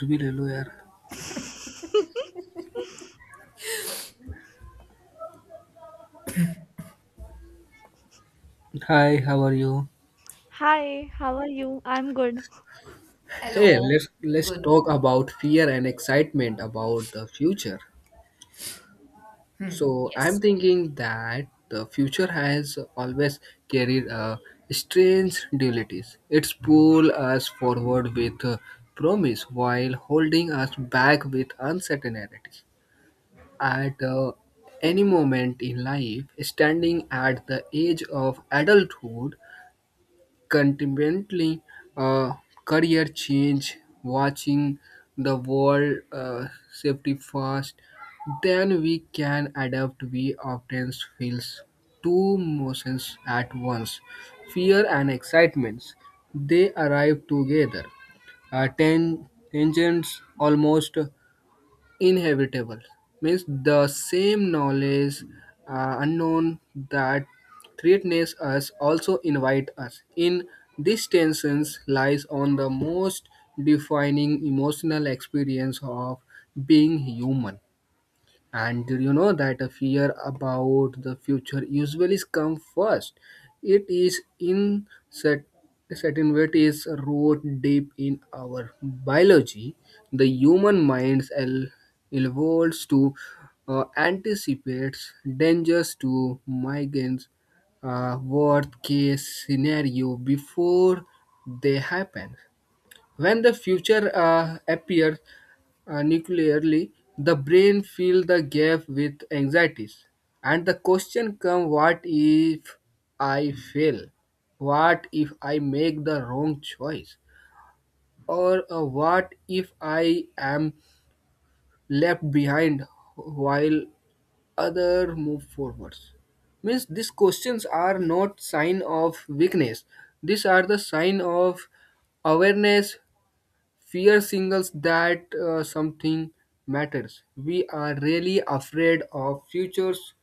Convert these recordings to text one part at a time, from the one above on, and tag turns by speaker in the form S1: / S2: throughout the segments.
S1: Reveal here. Hi, how are you?
S2: Hi, how are you? I'm good.
S1: Hey,
S3: Hello.
S1: let's
S3: Good.
S1: talk about fear and excitement about the future.
S3: Hmm.
S1: So I'm
S3: Yes.
S1: thinking that the future has always carried a strange dualities. It's pull us forward with promise while holding us back with uncertainties. At any moment in life, standing at the edge of adulthood, consequently, uh, career change, watching the world safety fast, then we can adapt. We often feels two emotions at once, fear and excitements. They arrive together. Tangents almost inhabitable means the same knowledge unknown that threatens us also invite us in this tensions lies on the most defining emotional experience of being human. And do you know that a fear about the future usually comes first? It is in cer- Certain way it is rooted deep in our biology. The human mind el- Evolves to anticipate dangers to migrants, worst case scenario before they happen. When the future appears, nuclearly, the brain fills the gap with anxieties, and the question comes: What if I fail? What if I make the wrong choice? Or what if I am left behind while other move forwards? Means these questions are not sign of weakness. These are the sign of awareness. Fear signals that something matters. We are really afraid of futures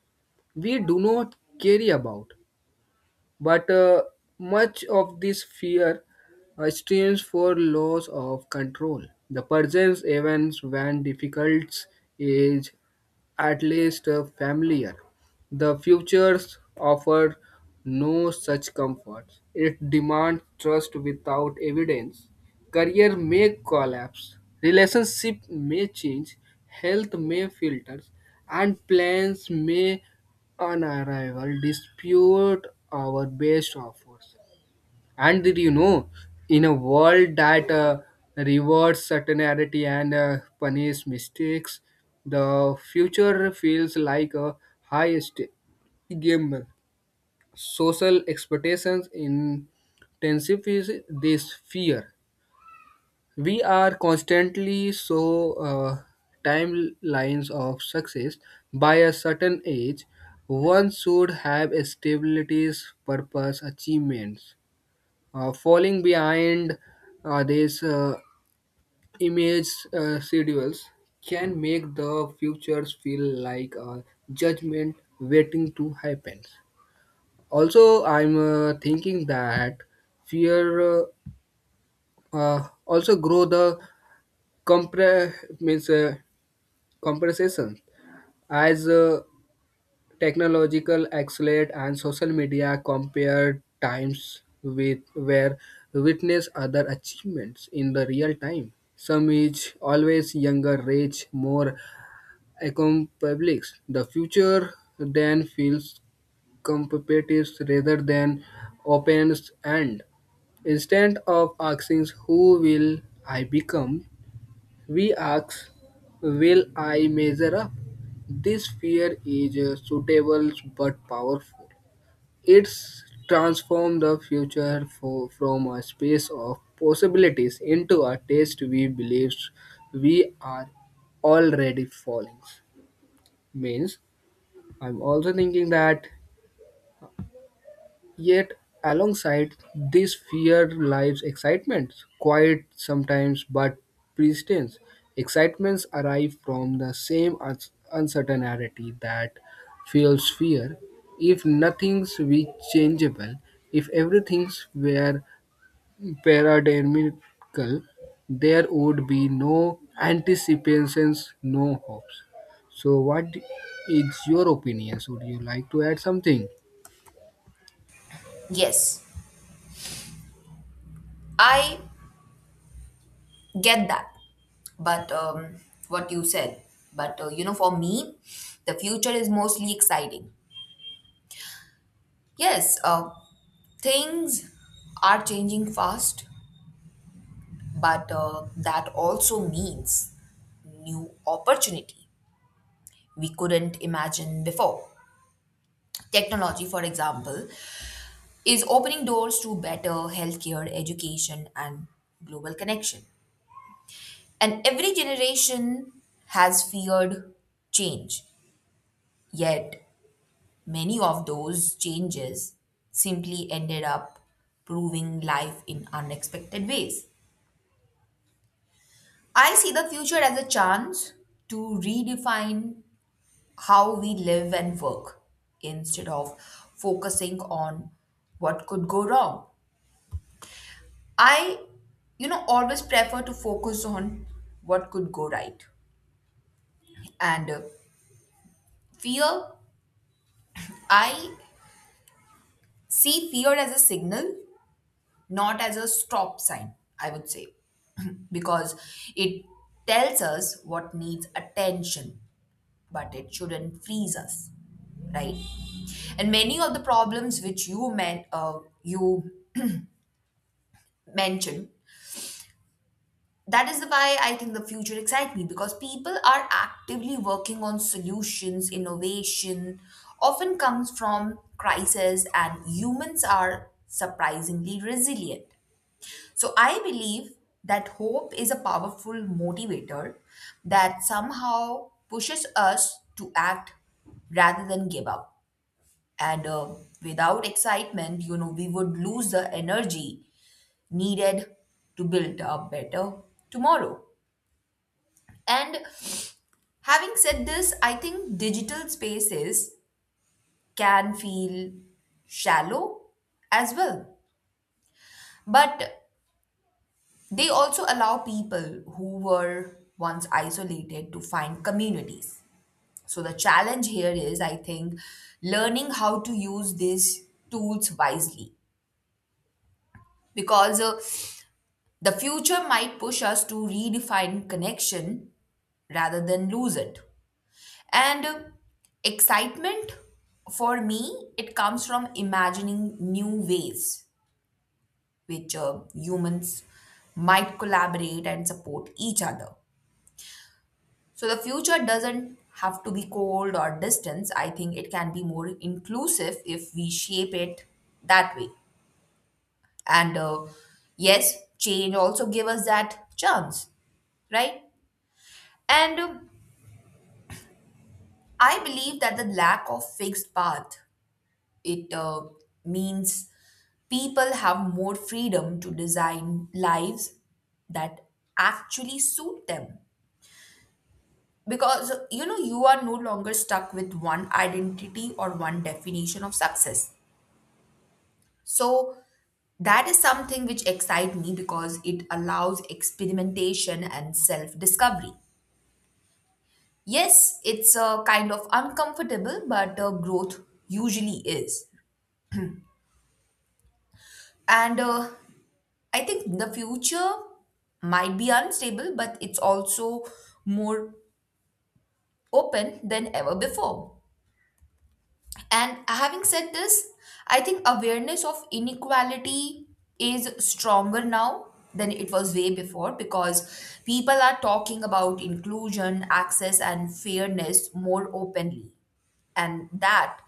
S1: we do not care about. But much of this fear stems for loss of control. The present events when difficult is at least familiar. The futures offer no such comforts. It demands trust without evidence. Career may collapse, relationship may change, health may filter, and plans may on arrival dispute our best offers. And did you know, in a world that rewards certainty and punishes mistakes, the future feels like a high stake game. Social expectations intensifies this fear. We are constantly so timelines of success by a certain age. One should have stabilities, purpose, achievements falling behind these image schedules can make the futures feel like a judgment waiting to happen. Also, I'm thinking that fear also grow the compre- means, compression as technological accelerate and social media compare times with where witness other achievements in the real time, some is always younger rich more accomplished. The future then feels competitive rather than opens, and instead of asking who will I become, we ask, will I measure up? This fear is suitable but powerful. It's transformed the future for, from a space of possibilities into a test. We believe we are already falling. Means, I'm also thinking that yet, alongside this fear lies excitement, quiet sometimes but persistent. Excitements arrive from the same uncertainty that fuels fear. If nothing's be changeable, if everything's were paradigmical, there would be no anticipations, no hopes. So, what is your opinions? Would you like to add something?
S3: Yes. I get that. But what you said. But for me, the future is mostly exciting. Yes. Things are changing fast, but that also means new opportunity we couldn't imagine before. Technology, for example, is opening doors to better healthcare, education, and global connection. And every generation has feared change, yet many of those changes simply ended up proving life in unexpected ways. I see the future as a chance to redefine how we live and work instead of focusing on what could go wrong. I always prefer to focus on what could go right. And fear, I see fear as a signal, not as a stop sign, I would say, because it tells us what needs attention, but it shouldn't freeze us, right? And many of the problems which you mentioned, that is why I think the future excites me because people are actively working on solutions, innovation often comes from crisis, and humans are surprisingly resilient. So I believe that hope is a powerful motivator that somehow pushes us to act rather than give up. And without excitement, we would lose the energy needed to build a better tomorrow. And having said this, I think digital spaces can feel shallow as well. But they also allow people who were once isolated to find communities. So the challenge here is, I think, learning how to use these tools wisely because the future might push us to redefine connection rather than lose it. And excitement for me, it comes from imagining new ways which humans might collaborate and support each other. So the future doesn't have to be cold or distant. I think it can be more inclusive if we shape it that way. And yes, change also give us that chance, right? And I believe that the lack of fixed path it means people have more freedom to design lives that actually suit them because you are no longer stuck with one identity or one definition of success, so that is something which excites me because it allows experimentation and self discovery. Yes, it's a kind of uncomfortable, but growth usually is. And I think the future might be unstable, but it's also more open than ever before. And having said this, I think awareness of inequality is stronger now than it was way before because people are talking about inclusion, access, and fairness more openly. And that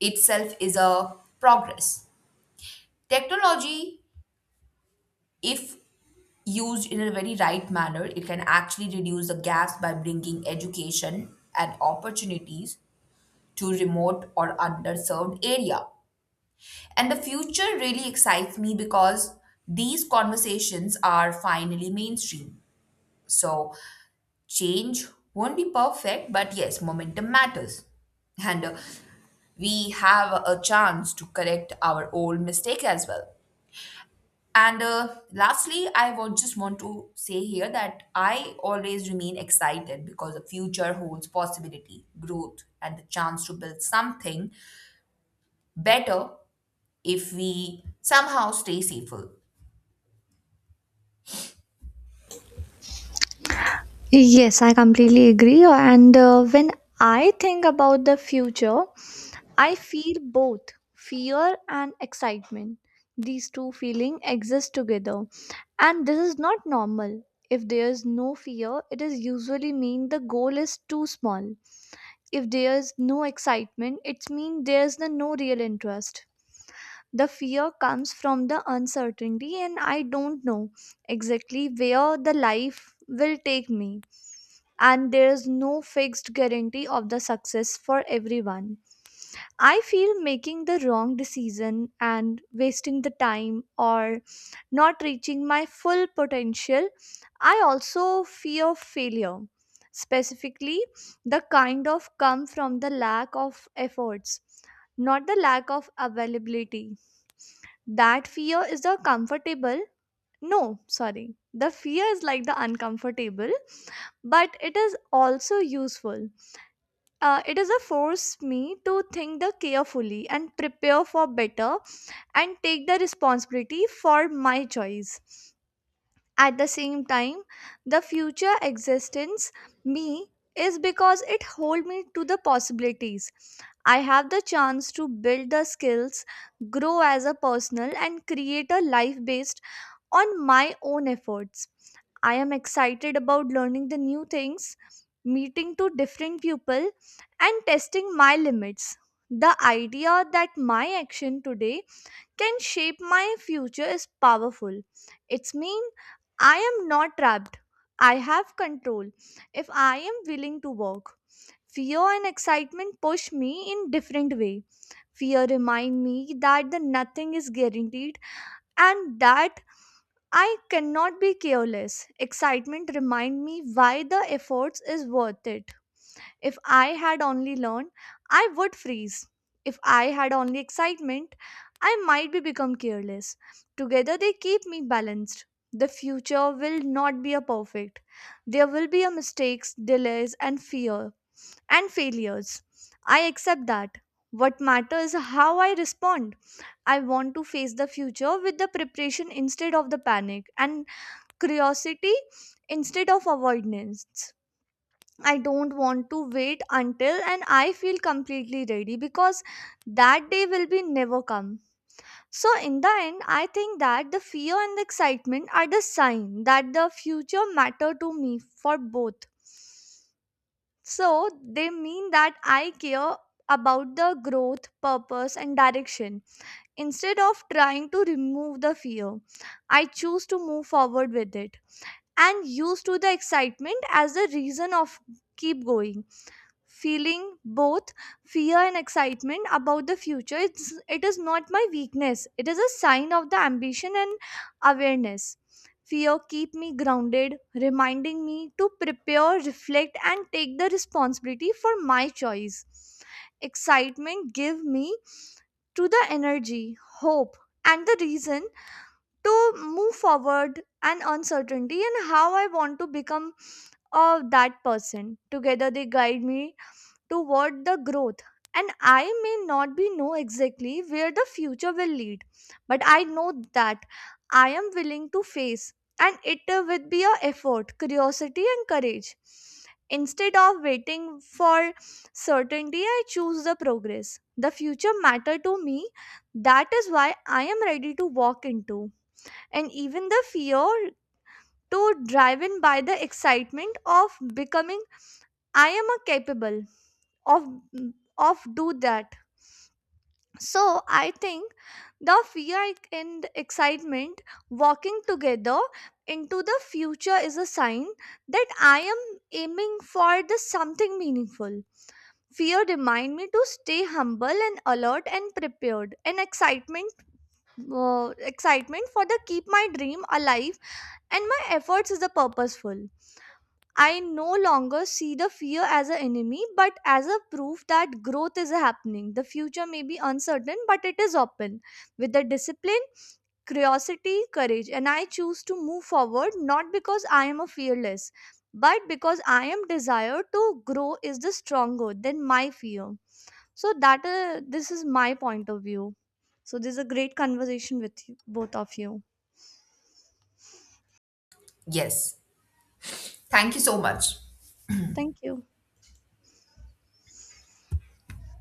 S3: itself is a progress. Technology, if used in a very right manner, it can actually reduce the gaps by bringing education and opportunities to remote or underserved area. And the future really excites me because these conversations are finally mainstream. So, change won't be perfect, but yes, momentum matters. And we have a chance to correct our old mistake as well. And lastly, I would just want to say here that I always remain excited because the future holds possibility, growth, and the chance to build something better if we somehow stay safer.
S2: Yes, I completely agree. And when I think about the future, I feel both fear and excitement. These two feelings exist together. And this is not normal. If there is no fear, it is usually mean the goal is too small. If there is no excitement, it means there is the no real interest. The fear comes from the uncertainty and I don't know exactly where the life will take me, and there is no fixed guarantee of the success for everyone. I feel making the wrong decision and wasting the time or not reaching my full potential. I also fear failure, specifically the kind of come from the lack of efforts, not the lack of availability. That fear is the comfortable. No, sorry. The fear is like the uncomfortable, but it is also useful. It is a force me to think the carefully and prepare for better and take the responsibility for my choice. At the same time, the future existence me is because it hold me to the possibilities. I have the chance to build the skills, grow as a personal and create a life based on my own efforts. I am excited about learning the new things, meeting to different people and testing my limits. The idea that my action today can shape my future is powerful. It's mean I am not trapped. I have control if I am willing to work. Fear and excitement push me in different way. Fear remind me that the nothing is guaranteed and that I cannot be careless. Excitement remind me why the efforts is worth it. If I had only learned, I would freeze. If I had only excitement, I might be become careless. Together they keep me balanced. The future will not be a perfect. There will be a mistakes, delays and fear and failures. I accept that. What matters is how I respond. I want to face the future with the preparation instead of the panic and curiosity instead of avoidance. I don't want to wait until and I feel completely ready because that day will be never come. So in the end, I think that the fear and the excitement are the sign that the future matter to me for both. So they mean that I care about the growth, purpose and direction. Instead of trying to remove the fear, I choose to move forward with it and used to the excitement as the reason of keep going. Feeling both fear and excitement about the future, it is not my weakness, it is a sign of the ambition and awareness. Fear keep me grounded, reminding me to prepare, reflect and take the responsibility for my choice. Excitement give me to the energy, hope and the reason to move forward and uncertainty and how I want to become, that person. Together they guide me toward the growth, and I may not be know exactly where the future will lead, but I know that I am willing to face, and it will be a effort, curiosity and courage instead of waiting for certainty. I choose the progress. The future matter to me. That is why I am ready to walk into, and even the fear to drive in by the excitement of becoming I am a capable of of do that. So I think the fear and excitement walking together into the future is a sign that I am aiming for the something meaningful. Fear remind me to stay humble and alert and prepared, and uh, excitement for the keep my dream alive and my efforts is a purposeful. I no longer see the fear as an enemy, but as a proof that growth is happening. The future may be uncertain, but it is open. With the discipline, curiosity, courage, and I choose to move forward not because I am a fearless, but because I am desired to grow is the stronger than my fear. So that this is my point of view. So this is a great conversation with you, both of you.
S3: Yes. Thank you so much.
S2: Thank you.